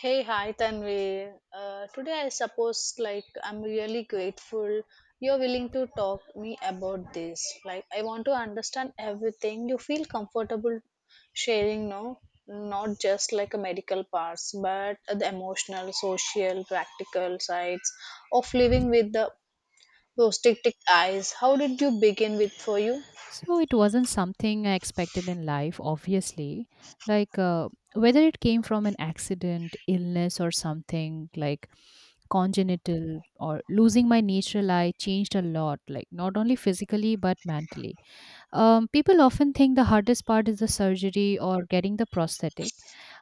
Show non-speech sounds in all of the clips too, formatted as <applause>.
Hey, hi Tanvi. Today I suppose I'm really grateful you're willing to talk me about this. Like I want to understand everything. You feel comfortable sharing, no? Not just like a medical parts, but the emotional, social, practical sides of living with the prosthetic eyes. How did you begin with for you? So it wasn't something I expected in life, obviously. Like whether it came from an accident, illness, or something like congenital or losing my natural eye changed a lot, like not only physically but mentally. People often think the hardest part is the surgery or getting the prosthetic,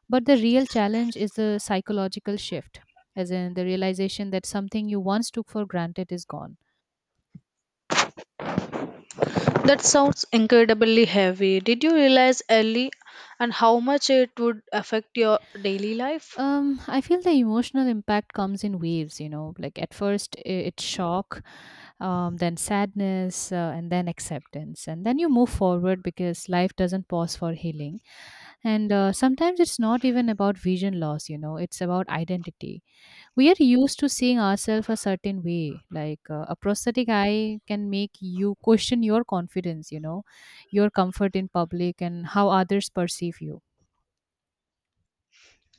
but the real challenge is the psychological shift, as in the realization that something you once took for granted is gone. That sounds incredibly heavy. Did you realize early and how much it would affect your daily life? I feel the emotional impact comes in waves, you know, like at first it's shock, then sadness, and then acceptance. And then you move forward because life doesn't pause for healing. And sometimes it's not even about vision loss, you know, it's about identity. We are used to seeing ourselves a certain way, like a prosthetic eye can make you question your confidence, you know, your comfort in public and how others perceive you.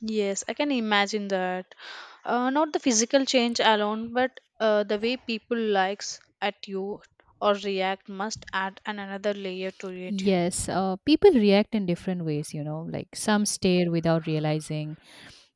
Yes, I can imagine that. Not the physical change alone, but the way people likes at you or react must add an another layer to it. Yes, people react in different ways, you know, like some stare without realizing,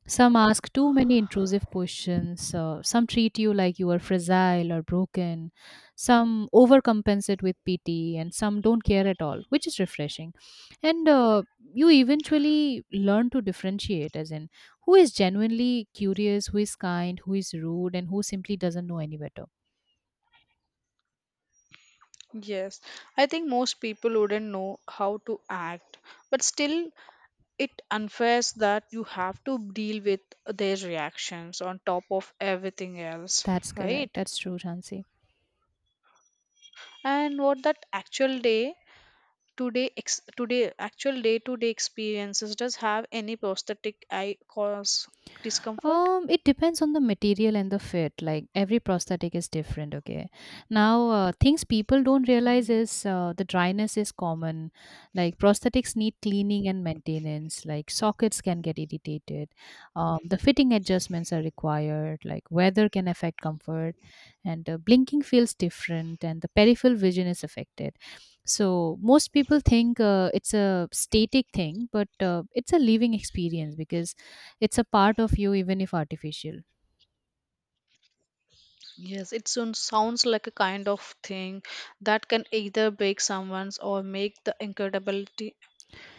some ask too many intrusive questions, some treat you like you are fragile or broken, some overcompensate with pity, and some don't care at all, which is refreshing. And You eventually learn to differentiate, as in who is genuinely curious, who is kind, who is rude, and who simply doesn't know any better. Yes, I think most people wouldn't know how to act, but still, it unfair that you have to deal with their reactions on top of everything else, That's correct. right? That's true, Chansi. And what that actual day today actual day to day experiences does have any prosthetic eye cause discomfort. It depends on the material and the fit. Like every prosthetic is different. Okay, now things people don't realize Mm. is the dryness is common. Like prosthetics need cleaning and maintenance. Like sockets can get irritated. The fitting adjustments are required. Like weather can affect comfort, and blinking feels different, and the peripheral vision is affected. So most people think it's a static thing, but it's a living experience because it's a part of you, even if artificial. Yes, it soon sounds like a kind of thing that can either break someone's or make the incredibility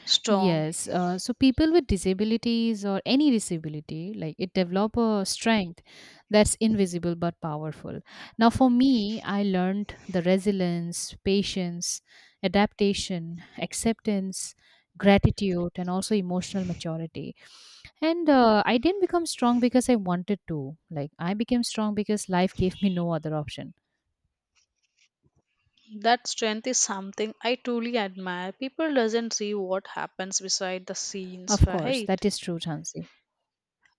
strong. Yes. So people with disabilities or any disability, like it develop a strength that's invisible but powerful. Now, for me, I learned the resilience, patience, adaptation, acceptance, gratitude, and also emotional maturity. And I didn't become strong because I wanted to. Like I became strong because life gave me no other option. That strength is something I truly admire. People doesn't see what happens beside the scenes, Of course, that right? is true, Chansi.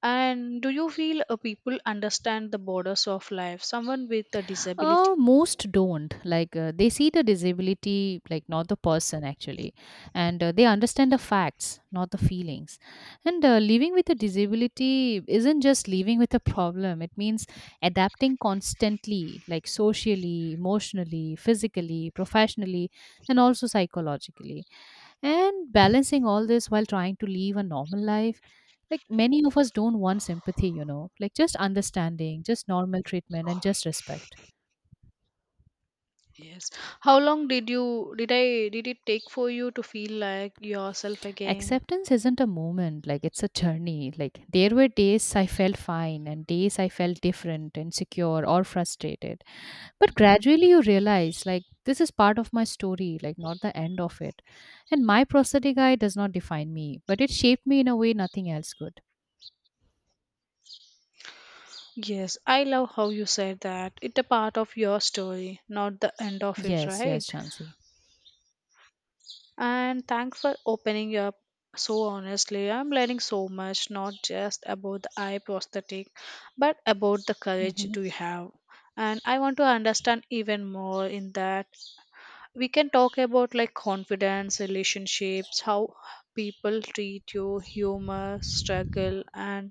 And do you feel people understand the borders of life? Someone with a disability. Most don't. Like, they see the disability, like, not the person actually. And they understand the facts, not the feelings. And living with a disability isn't just living with a problem, it means adapting constantly, like, socially, emotionally, physically, professionally, and also psychologically. And balancing all this while trying to live a normal life. Like, many of us don't want sympathy, you know, like, just understanding, just normal treatment, and just respect. Yes. How long did you did I did it take for you to feel like yourself again? Acceptance isn't a moment, like it's a journey. Like there were days I felt fine and days I felt different, insecure or frustrated. But gradually you realize like this is part of my story, like not the end of it. And my prosthetic eye does not define me, but it shaped me in a way nothing else could. Yes, I love how you said that. It's a part of your story, not the end of it, Yes, yes, right? Shansi. And thanks for opening up so honestly. I'm learning so much, not just about the eye prosthetic, but about the courage Mhm. do you have. And I want to understand even more in that we can talk about like confidence, relationships, how people treat you, humor, struggle, and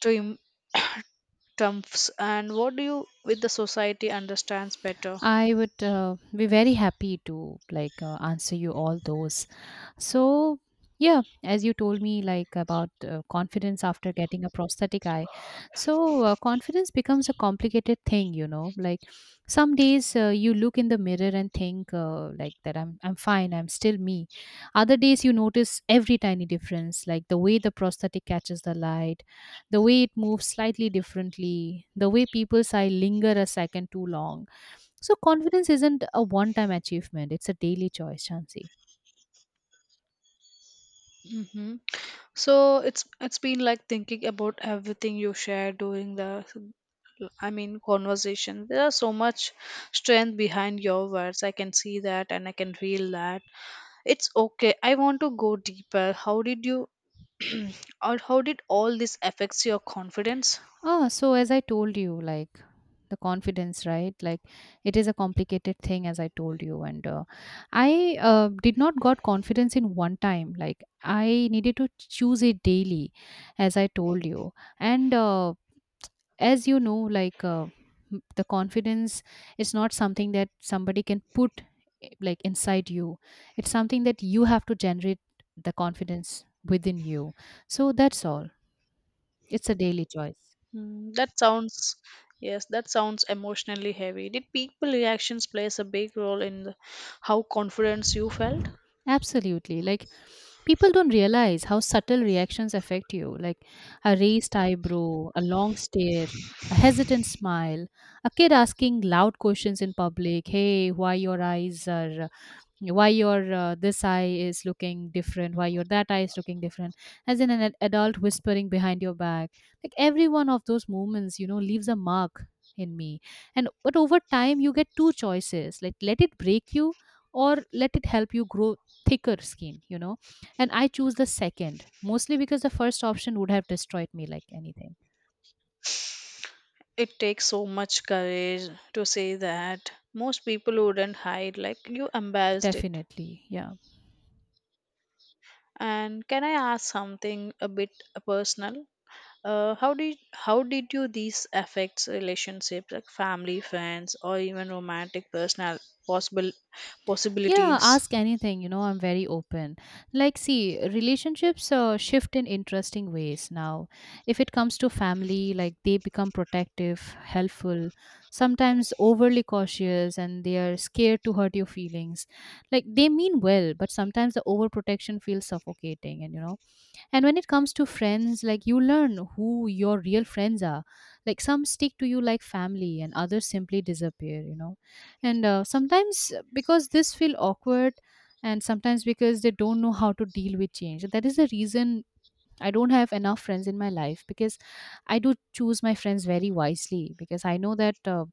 trium- triumphs, and what do you with the society understands better. I would be very happy to answer you all those. So, yeah, as you told me, like about confidence after getting a prosthetic eye. So, confidence becomes a complicated thing, you know. Like some days you look in the mirror and think, like, that I'm fine, I'm still me. Other days you notice every tiny difference, like the way the prosthetic catches the light, the way it moves slightly differently, the way people's eye linger a second too long. So, confidence isn't a one time achievement, it's a daily choice, Chansi. Hmm. So it's been like thinking about everything you shared during the, conversation, there are so much strength behind your words. I can see that and I can feel that. It's okay, I want to go deeper. How did you, <clears throat> or how did all this affects your confidence? Ah, so as I told you, like the confidence, right? Like it is a complicated thing, as I told you, and I did not got confidence in one time. Like I needed to choose it daily, as I told you, and as you know, the confidence is not something that somebody can put like inside you. It's something that you have to generate the confidence within you. So that's all. It's a daily choice. Hmm, that sounds, yes, that sounds emotionally heavy. Did people reactions plays a big role in the, how confidence you felt? Absolutely. Like people don't realize how subtle reactions affect you, like a raised eyebrow, a long stare, a hesitant smile, a kid asking loud questions in public. Hey, why your eyes are why your this eye is looking different, why your that eye is looking different, as in an adult whispering behind your back. Like every one of those moments, you know, leaves a mark in me. And but over time you get two choices, like let it break you or let it help you grow thicker skin, you know. And I choose the second mostly because the first option would have destroyed me like anything. It takes so much courage to say that. Most people wouldn't hide like you embarrassed it. Definitely, yeah. And can I ask something a bit personal? How did how did you these affects relationships, like family, friends, or even romantic personal possible Yeah, possibilities? ask anything. You know, I'm very open. Like, see, relationships shift in interesting ways now. If it comes to family, like they become protective, helpful, sometimes overly cautious, and they are scared to hurt your feelings. Like, they mean well, but sometimes the overprotection feels suffocating. And, you know, and when it comes to friends, like you learn who your real friends are. Like some stick to you like family, and others simply disappear, you know. And sometimes because this feel awkward, and sometimes because they don't know how to deal with change. That is the reason I don't have enough friends in my life because I do choose my friends very wisely because I know that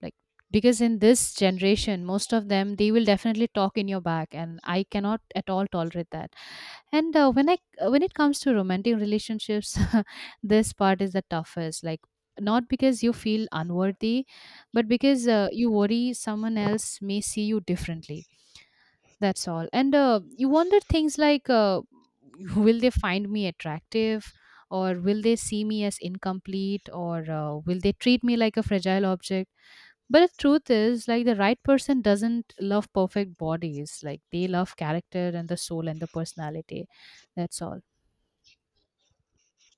like because in this generation most of them they will definitely talk in your back and I cannot at all tolerate that. And when it comes to romantic relationships, <laughs> this part is the toughest. Like not because you feel unworthy, but because you worry someone else may see you differently. That's all. And you wonder things like, <laughs> will they find me attractive, or will they see me as incomplete, or will they treat me like a fragile object? But the truth is, like the right person doesn't love perfect bodies. Like they love character and the soul and the personality. That's all.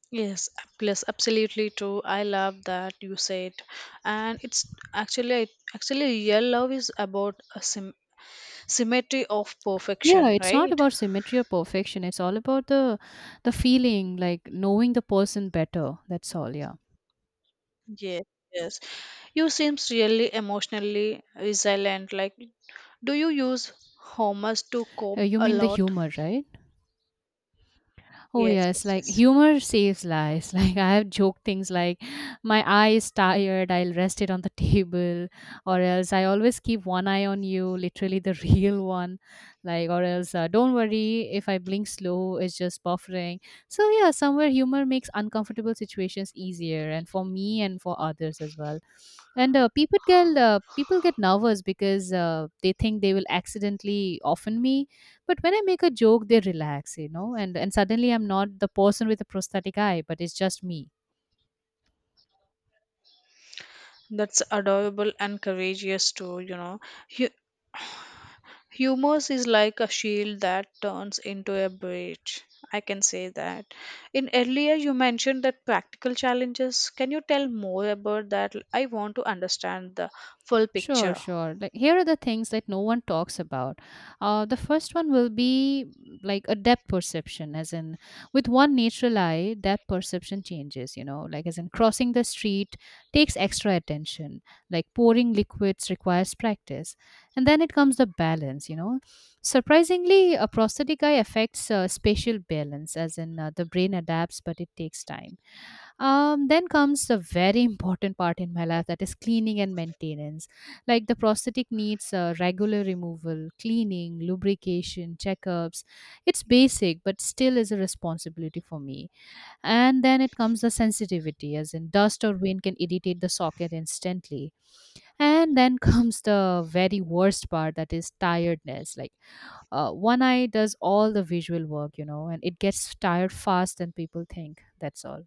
Yes, yes, absolutely true. I love that you said, and it's actually I- actually real love is about a symmetry of Yeah, perfection, it's not right? about symmetry or perfection, it's all about the feeling, like knowing the person better. That's all, yeah. Yes, yes. You seems really emotionally resilient. Like, do you use homers to cope You a mean the lot? humor, right? Oh Yes, yes, yes, like yes. humor saves lives. <laughs> Like I have joked things like my eye is tired, I'll rest it on the table, or else I always keep one eye on you, literally the <laughs> real one. Like or else don't worry if I blink slow, it's just buffering. So yeah, somewhere humor makes uncomfortable situations easier and for me and for others as well. And people get nervous because they think they will accidentally offend me, but when I make a joke, they relax, you know, and suddenly I'm not the person with a prosthetic eye, but it's just me. That's adorable and courageous too. You know, you. Humor is like a shield that turns into a bridge. I can say that. In earlier, you mentioned that practical challenges. Can you tell more about that? I want to understand the full Sure, picture. sure. Like here are the things that no one talks about. The first one will be like a depth perception, as in with one natural eye, depth perception changes. You know, like as in crossing the street takes extra attention. Like pouring liquids requires practice, and then it comes the balance. You know, surprisingly, a prosthetic eye affects spatial balance, as in the brain adapts, but it takes time. Then comes the very important part in my life, that is cleaning and maintenance. Like the prosthetic needs regular removal, cleaning, lubrication, checkups. It's basic, but still is a responsibility for me. And then it comes the sensitivity, as in dust or wind can irritate the socket instantly. And then <laughs> comes the very worst part, that is tiredness. Like one eye does all the visual work, you know, and it gets tired fast than people think. That's all.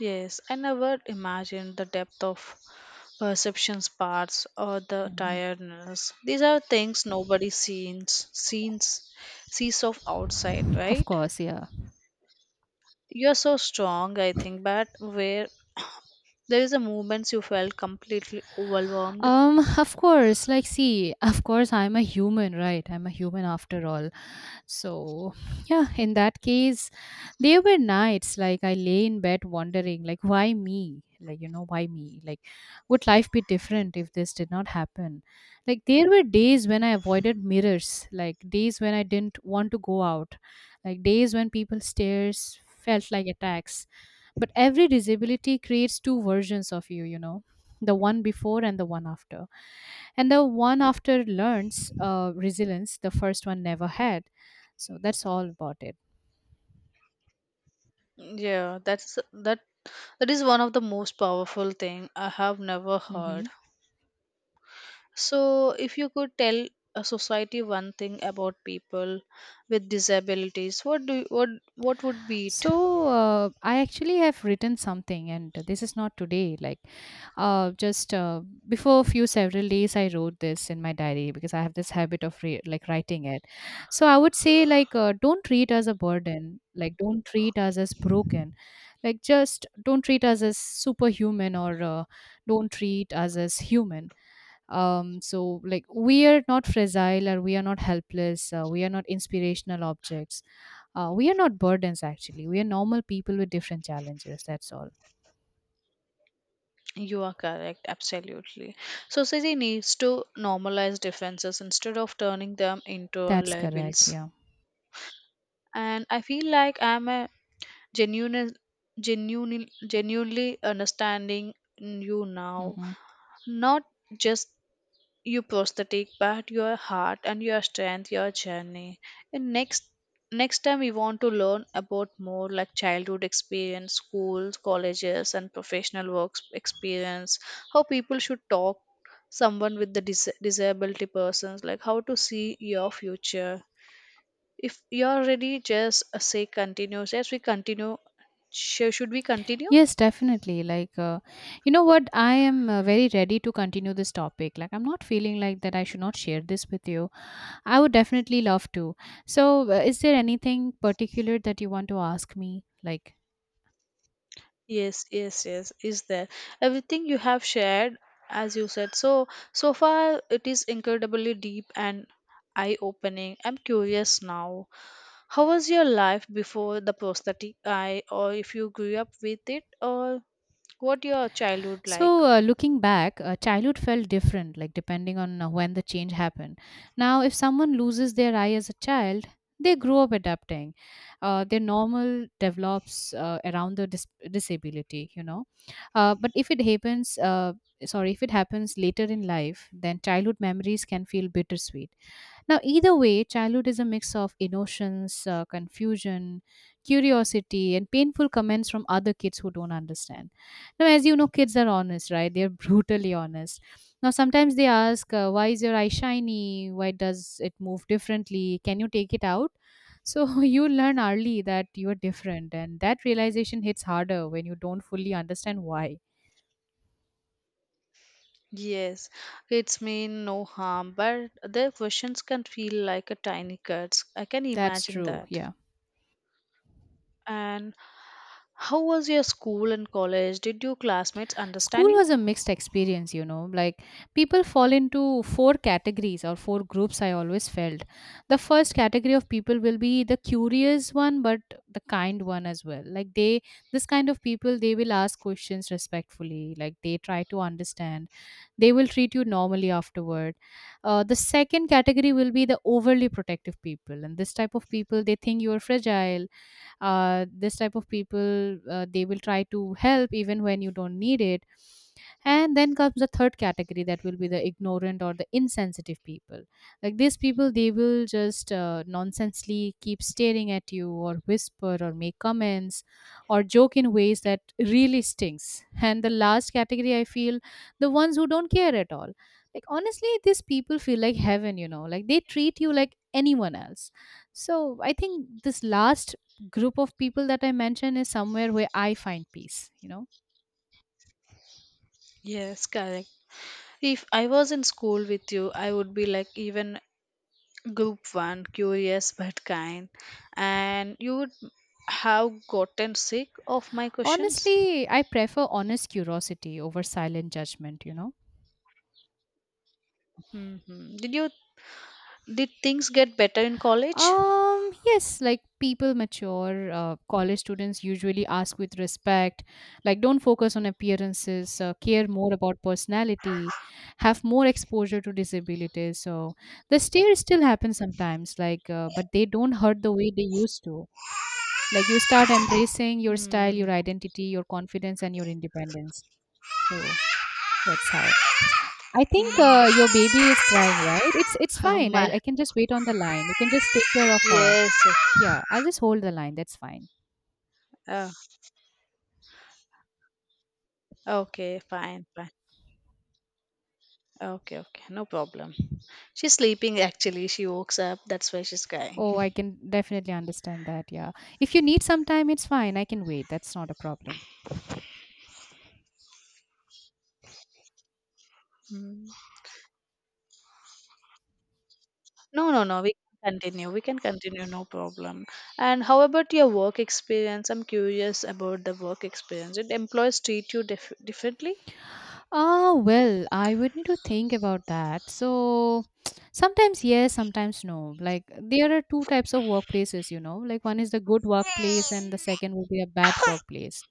Yes, I never imagined the depth of perceptions parts or the Mhm. tiredness. These are things nobody sees of outside, Of right? course, yeah. You're so strong, I think, but where there is a moments you felt completely overwhelmed? Of course, like, see, of course, I'm a human, right? I'm a human after all. So, <laughs> yeah, in that case, there were nights like I lay in bed wondering, like, why me? Like, you know, why me? Like, would life be different if this did not happen? Like, there were days when I avoided mirrors, like, days when I didn't want to go out, like, days when people stares felt like attacks. But every disability creates two versions of you, you know, the one before and the one after. And the one after learns resilience, the first one never had. So that's all about it. Yeah, that is one of the most powerful thing I have never Hmm. heard. So, if you could tell a society one thing about people with disabilities, what would be it? So I actually have written something, and this is not today. Like just before a few several days, I wrote this in my diary because I have this habit of like writing it. So I would say like don't treat us a burden. Like don't treat us as broken. Like just don't treat us as superhuman or don't treat us as human. So like we are not fragile or we are not helpless. We are not inspirational objects. We are not burdens, actually. We are normal people with different challenges. That's all. You are correct, absolutely. Society needs to normalize differences instead of turning them into That's correct. labels. Yeah. And I feel like I'm a genuine, genuinely understanding you now, Hmm. not just you prosthetic part, your heart and your strength, your journey. And next next time we want to learn about more like childhood experience, schools, colleges, and professional work experience, how people should talk someone with the disability persons, like how to see your future. If you're ready, just say continue, yes we continue. Should we continue? Yes, definitely. Like, you know what? I am very ready to continue this topic. Like, I'm not feeling like that I should not share this with you. I would definitely love to. So, is there anything particular that you want to ask me? Like, Yes, yes, yes, is there. Everything you have shared, as you said, so so far it is incredibly deep and eye-opening. I'm curious now. How was your life before the prosthetic eye, or if you grew up with it, or what your childhood like? so, looking back, childhood felt different, like depending on when the change happened. Now, if someone loses their eye as a child, they grow up adapting. Their normal develops around the disability, you know. But if it happens later in life, then childhood memories can feel bittersweet. Now, either way, childhood is a mix of emotions, confusion, curiosity, and painful comments from other kids who don't understand. Now, as you know, kids are honest, right? They're <laughs> brutally honest. Now, sometimes they ask, why is your eye shiny? Why does it move differently? Can you take it out? So, <laughs> you learn early that you're different, and that realization hits harder when you don't fully understand why. Yes, it's mean no harm, but their questions can feel like a tiny cuts. I can That's imagine true. that. Yeah. And how was your school and college? Did your classmates understand School you? was a mixed experience, you know. Like people fall into four categories or four groups I always felt. The first category of people will be the curious one but the kind one as well. Like they this kind of people, they will ask questions respectfully, like they try to understand. They will treat you normally afterward. The second category will be the overly protective people, and this type of people, they think you are fragile. This type of people, they will try to help even when you don't need it. And then comes the third category, that will be the ignorant or the insensitive people. Like these people, they will just nonsensely keep staring at you or whisper or make comments or joke in ways that really stinks. <laughs> And the last category I feel, the ones who don't care at all, like honestly, these people feel like heaven, you know. Like they treat you like anyone else. So I think this last group of people that I mentioned is somewhere where I find peace, you know. Yes, correct. If I was in school with you, I would be like even group one, curious but kind, and you would have gotten sick of my questions. Honestly, I prefer honest curiosity over silent judgment, you know. Hmm. Did you, did things get better in college? Yes, like people mature. College students usually ask with respect, like don't focus on appearances, care more about personality, have more exposure to disabilities. So the stare still happens sometimes, like, but they don't hurt the way they used to. Like you start embracing your style, Hmm. your identity, your confidence, and your independence. So that's how. I think Hmm. Your <laughs> baby is crying, right? It's Oh fine. I my. I can just wait on the line. You can just take care of her. Yes. Yeah, I'll just hold the line. That's fine. Oh, okay, fine, fine. Okay, okay, no problem. She's sleeping actually. She wakes up. That's why she's crying. Oh, I can definitely understand that. Yeah. If you need some time, it's fine. I can wait. That's not a problem. <laughs> No, no, no. We can continue. We can continue. No problem. And how about your work experience? I'm curious about the work experience. Did employees treat you differently? Ah, well, I would need to think about that. So, <tsk> sometimes yes, sometimes no. Like, there are two types of workplaces, you know. Like, one is the good workplace, and the second would be a bad workplace.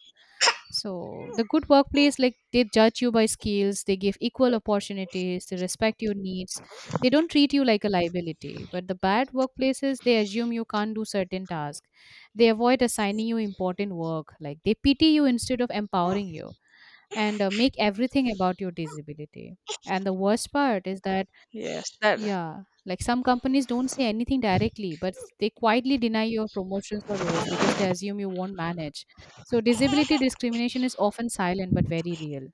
So, the good workplace, like, they judge you by skills, they give equal opportunities, they respect your needs, they don't treat you like a liability. But the bad workplaces, they assume you can't do certain tasks, they avoid assigning you important work, like, they pity you instead of empowering you and make everything about your disability. And the worst part is that, Yes, that. yeah, like some companies don't say anything directly, but they quietly deny your promotions or roles because they assume you won't manage. So, disability discrimination is often silent but very real.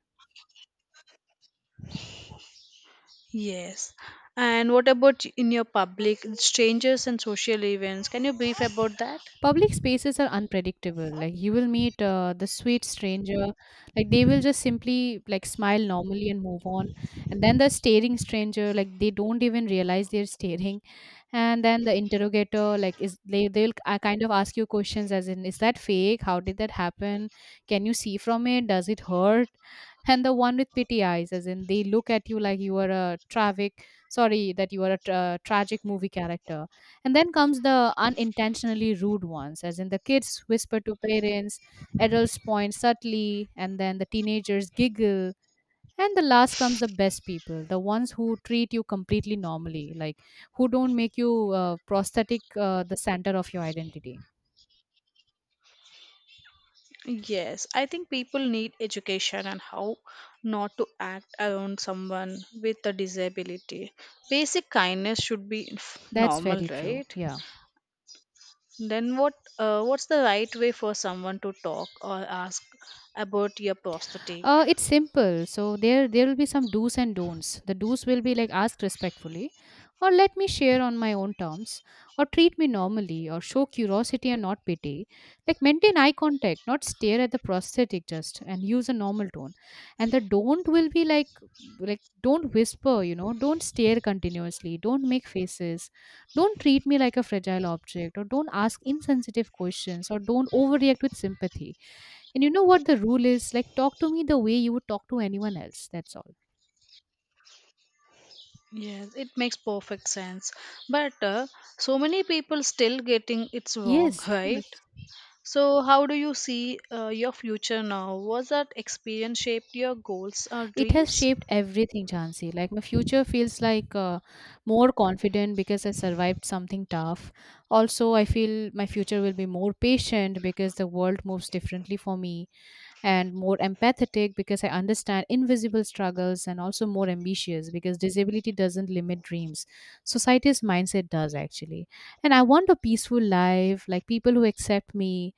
Yes. And what about in your public strangers and social events? Can you brief about that? Public spaces are unpredictable. Like you will meet the sweet stranger, like they will just simply like smile normally and move on. And then the staring stranger, like they don't even realize they're staring. And then the interrogator, like is, they'll kind of ask you questions as in, is that fake? How did that happen? Can you see from it? Does it hurt? And the one with pity eyes, as in they look at you like you are a tragic, sorry that you are a tra- tragic movie character. And then comes the unintentionally rude ones, as in the kids whisper to parents, adults point subtly, and then the teenagers giggle. And the last comes the best people, the ones who treat you completely normally, like who don't make you prosthetic the center of your identity. Yes, I think people need education on how not to act around someone with a disability. Basic kindness should be That's normal, very true. right? Yeah. Then what? What's the right way for someone to talk or ask about your prosthetic? It's simple. So there will be some do's and don'ts. The do's will be like ask respectfully, or let me share on my own terms, or treat me normally, or show curiosity and not pity. Like maintain eye contact, not stare at the prosthetic just, and use a normal tone. And the don't will be like don't whisper, you know, don't stare continuously, don't make faces, don't treat me like a fragile object, or don't ask insensitive questions, or don't overreact with sympathy. And you know what the rule is? Like, talk to me the way you would talk to anyone else. That's all. Yes, it makes perfect sense. But so many people still getting it's wrong, Yes, <laughs> of right? course. So how do you see your future now? Was that experience shaped your goals or It has dreams? shaped everything, Jansi. Like, my future feels like more confident because I survived something tough. Also, I feel my future will be more patient because the world moves differently for me, and more empathetic because I understand invisible struggles, and also more ambitious because disability doesn't limit dreams. Society's mindset does, actually. And I want a peaceful life, like people who accept me,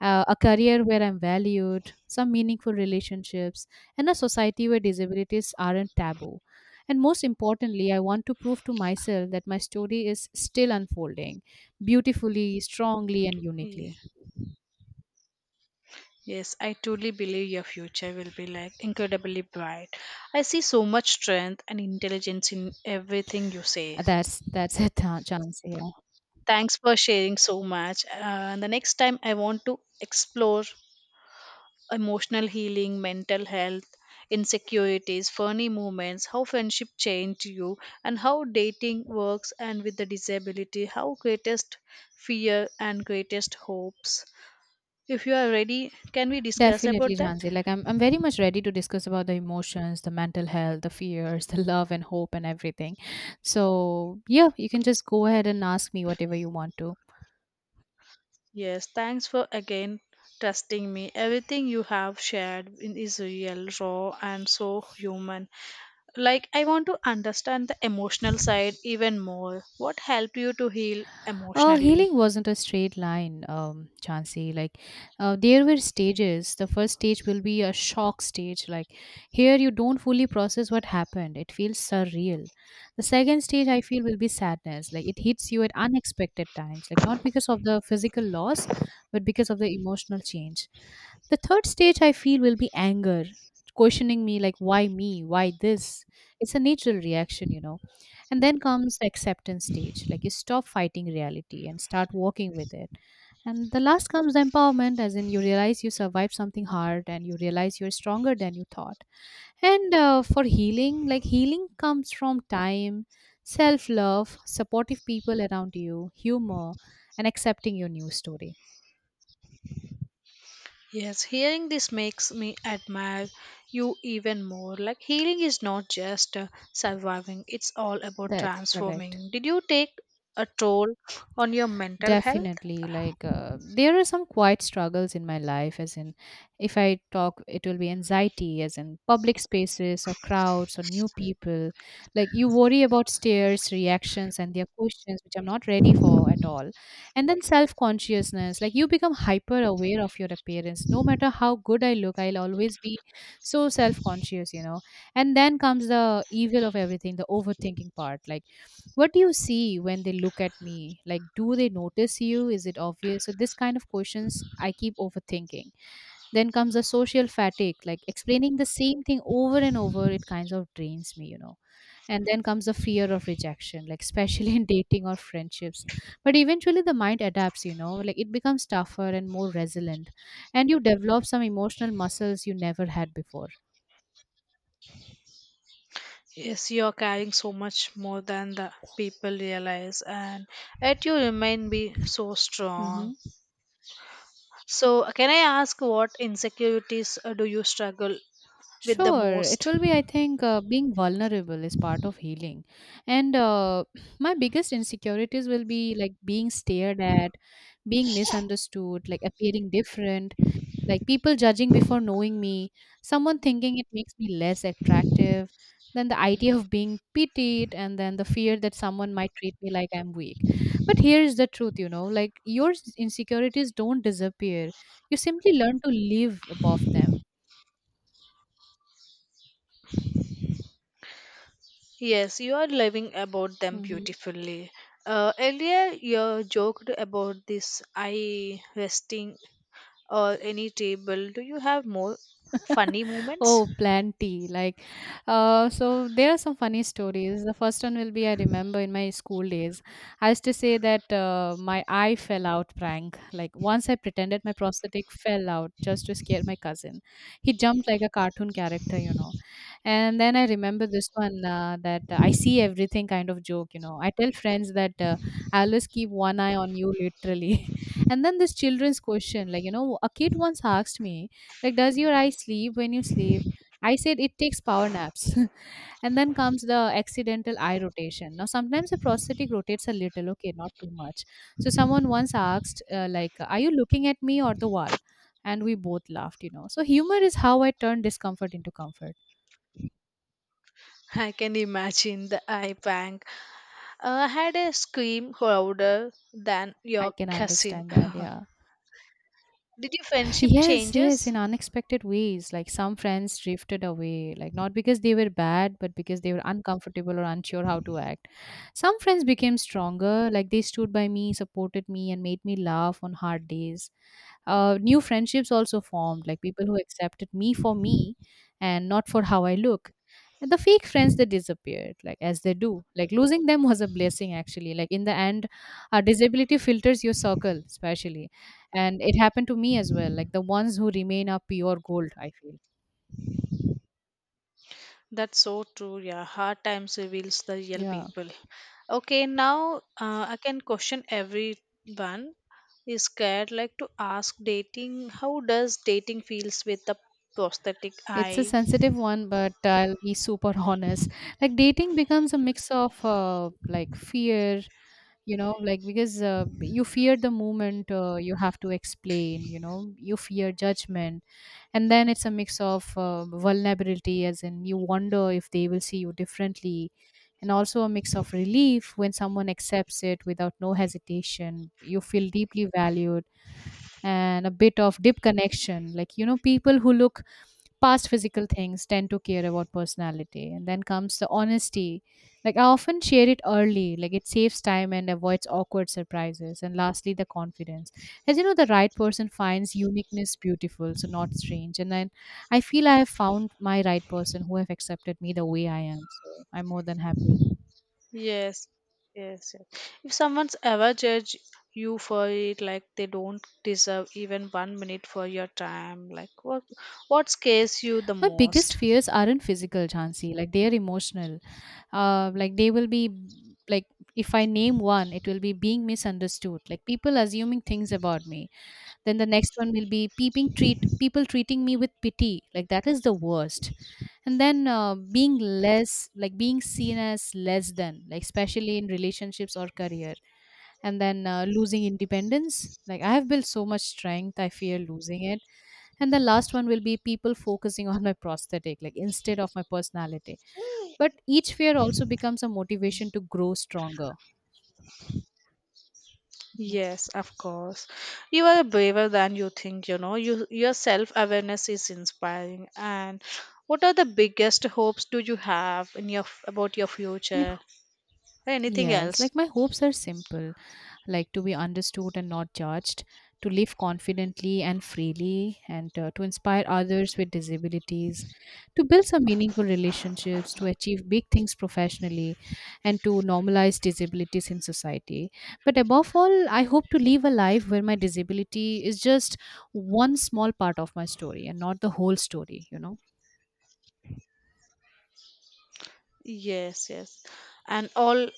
a career where I'm valued, some meaningful relationships, and a society where disabilities aren't taboo. And most importantly, I want to prove to myself that my story is still unfolding beautifully, strongly, and Yeah. uniquely. Yes, I truly believe your future will be like incredibly bright. I see so much strength and intelligence in everything you say. That's it, chance. Yeah. Thanks for sharing so much. The next time I want to explore emotional healing, mental health, insecurities, funny moments, how friendship changed you, and how dating works, and with the disability, how greatest fear and greatest hopes. If you are ready, can we discuss Definitely, about that? Janzi. Like I'm very much ready to discuss about the emotions, the mental health, the fears, <laughs> the love and hope and everything. So yeah, you can just go ahead and ask me whatever you want to. Yes, thanks for again trusting me. Everything you have shared is real, raw, and so human. Like, I want to understand the emotional side even more. What helped you to heal emotionally? Healing wasn't a straight line, Chansey. Like, there were stages. The first stage will be a shock stage. Like, here you don't fully process what happened. It feels surreal. The second stage, I feel, will be sadness. Like, it hits you at unexpected times. Like, not because of the physical loss, but because of the emotional change. The third stage, I feel, will be anger, questioning me, like, why me? Why this? It's a natural reaction, you know. And then comes the acceptance stage, like you stop fighting reality and start walking with it. And the last comes the empowerment, as in you realize you survived something hard and you realize you're stronger than you thought. And for healing, like healing comes from time, self love, supportive people around you, humor, and accepting your new story. Yes, hearing this makes me admire you even more. Like, healing is not just surviving, it's all about That's correct. transforming. Did you take a toll on your mental health? Definitely. Like, there are some quiet struggles in my life, as in, if I talk, it will be anxiety, as in public spaces or crowds or new people. Like, you worry about stares, reactions, and their questions, which I'm not ready for at all. And then self consciousness, like, you become hyper aware of your appearance. No matter how good I look, I'll always be so self conscious, you know. And then comes the evil of everything, the overthinking part. Like, what do you see when they look at me? Like, do they notice you? Is it obvious? So this kind of questions I keep overthinking. Then comes the social fatigue, like explaining the same thing over and over, it kinds of drains me, you know. And then comes the fear of rejection, like especially in <laughs> dating or friendships. But eventually the mind adapts, you know. Like it becomes tougher and more resilient, and you develop some emotional muscles you never had before. Yes, you are carrying so much more than the people realize, and yet you remain be so Mm-hmm. strong. So, can I ask what insecurities do you struggle with the Sure, it most? will be. I think being vulnerable is part of healing, and <clears throat> my biggest insecurities will be like being stared at, being misunderstood, like appearing different, like people judging before knowing me, someone thinking it makes me less attractive, then the idea of being pitied, and then the fear that someone might treat me like I'm weak. But here is the truth, you know, like your insecurities don't disappear; you simply learn to live above them. Yes, you are loving about them Mm-hmm. beautifully. Earlier, you joked about this eye resting or any table. Do you have more funny moments? Oh, plenty. Like, so there are some funny stories. The first one will be I remember in my school days. I used to say that my eye fell out prank. Like, once I pretended my prosthetic fell out just to scare my cousin. He jumped like a cartoon character, And then I remember this one that I see everything kind of joke, I tell friends that I always keep one eye on you, literally. <laughs> And then this children's question, like, a kid once asked me, like, does your eye sleep when you sleep? I said it takes power naps. <laughs> And then comes the accidental eye rotation. Now, sometimes the prosthetic rotates a little, okay, not too much. So someone once asked, like, are you looking at me or the wall? And we both laughed, So humor is how I turn discomfort into comfort. <laughs> I can imagine the eye bang. I had a scream louder than I your can cousin. understand that, <laughs> yeah. Did your <laughs> friendship Yes, yes, changes? in unexpected ways. Like some friends drifted away, like not because they were bad, but because they were uncomfortable or unsure how to act. Some friends became stronger, like they stood by me, supported me, and made me laugh on hard days. New friendships also formed, like people who accepted me for me and not for how I look. And the fake friends that disappeared, like as they do. Like losing them <laughs> was a blessing, actually. Like in the end, disability filters your circle, especially, and it happened to me as well. Like the ones who remain are pure gold, I feel. That's so true. Yeah, hard times reveals the real Yeah, people. Okay, now I can question everyone is scared like to ask dating. How does dating feels with the prosthetic it's a eye? sensitive one, but I'll be super <laughs> honest. Like dating becomes a mix of like fear, like because you fear the moment you have to explain, you fear judgment. And then it's a mix of vulnerability, as in you wonder if they will see you differently. And also a mix of relief when someone accepts it without no hesitation, you feel deeply valued. And a bit of deep connection. Like, people who look past physical things tend to care about personality. And then comes the honesty. Like, I often share it early, like, it saves time and avoids awkward surprises. And lastly, the confidence. As you know, the right person finds uniqueness beautiful, so not strange. And then I feel I have found my right person who have accepted me the way I am. So I'm more than happy. Yes, yes, yes. If someone's ever judge you for it, like they don't deserve even 1 minute for your time, like what scares you the My biggest most? fears aren't physical, Chansi. Like they are emotional. Like they will be, like, if I name one, it will be being misunderstood, like people assuming things about me. Then the next one will be peeping treat people treating me with pity, like that is the worst. And then being less, like being seen as less than, like especially in relationships or career. And then losing independence, like I have built so much strength, I fear losing it. And the last one will be people focusing <laughs> on my prosthetic like instead of my personality. But each fear also becomes a motivation to grow stronger. Yes, of course. You are braver than you think, you know. You, your self awareness is inspiring. And what are the biggest hopes do you have in your about your My, h- future? Anything yes, else? like my hopes are simple, like to be understood and not judged, to live confidently and freely, and to inspire others with disabilities, to build some meaningful relationships, to achieve big things professionally, and to normalize disabilities in society. But above all, I hope to live a life where my disability is just one small part of my story and not the whole story, Yes, yes. And all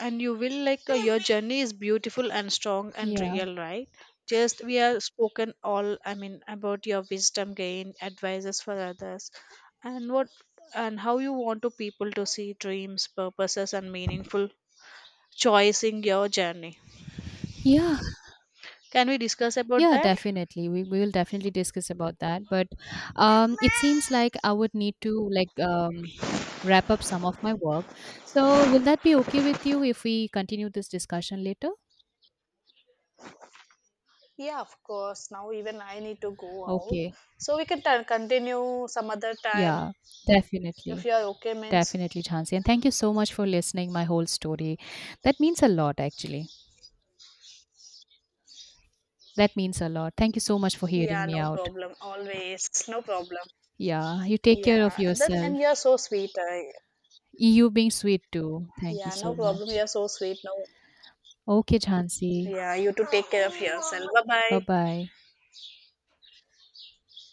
and you will like your journey is beautiful and strong and Yeah. real, right? Just we have spoken all about your wisdom gain, advices for others, and what and how you want to people to see dreams, purposes and meaningful choice in your journey. Yeah, Can we discuss about yeah, that? definitely. We will definitely discuss about that. But it seems like I would need to like wrap up some of my work. So will that be okay with you if we continue this discussion later? Yeah, of course. Now even I need to go out. Okay. So we can continue some other time Yeah, if definitely. you are okay, means. Definitely, Chansi. And thank you so much for listening my whole story. That means a lot, actually. That means a lot. Thank you so much for hearing Yeah, me no out. problem. Always, no problem. Yeah, you take care of Yeah, then yourself. and you're so sweet. I, You being sweet too. Thank you yeah, no so problem. much. You're so sweet. No, Okay, Chansi. yeah, you to take care of yourself. Bye Bye bye. bye.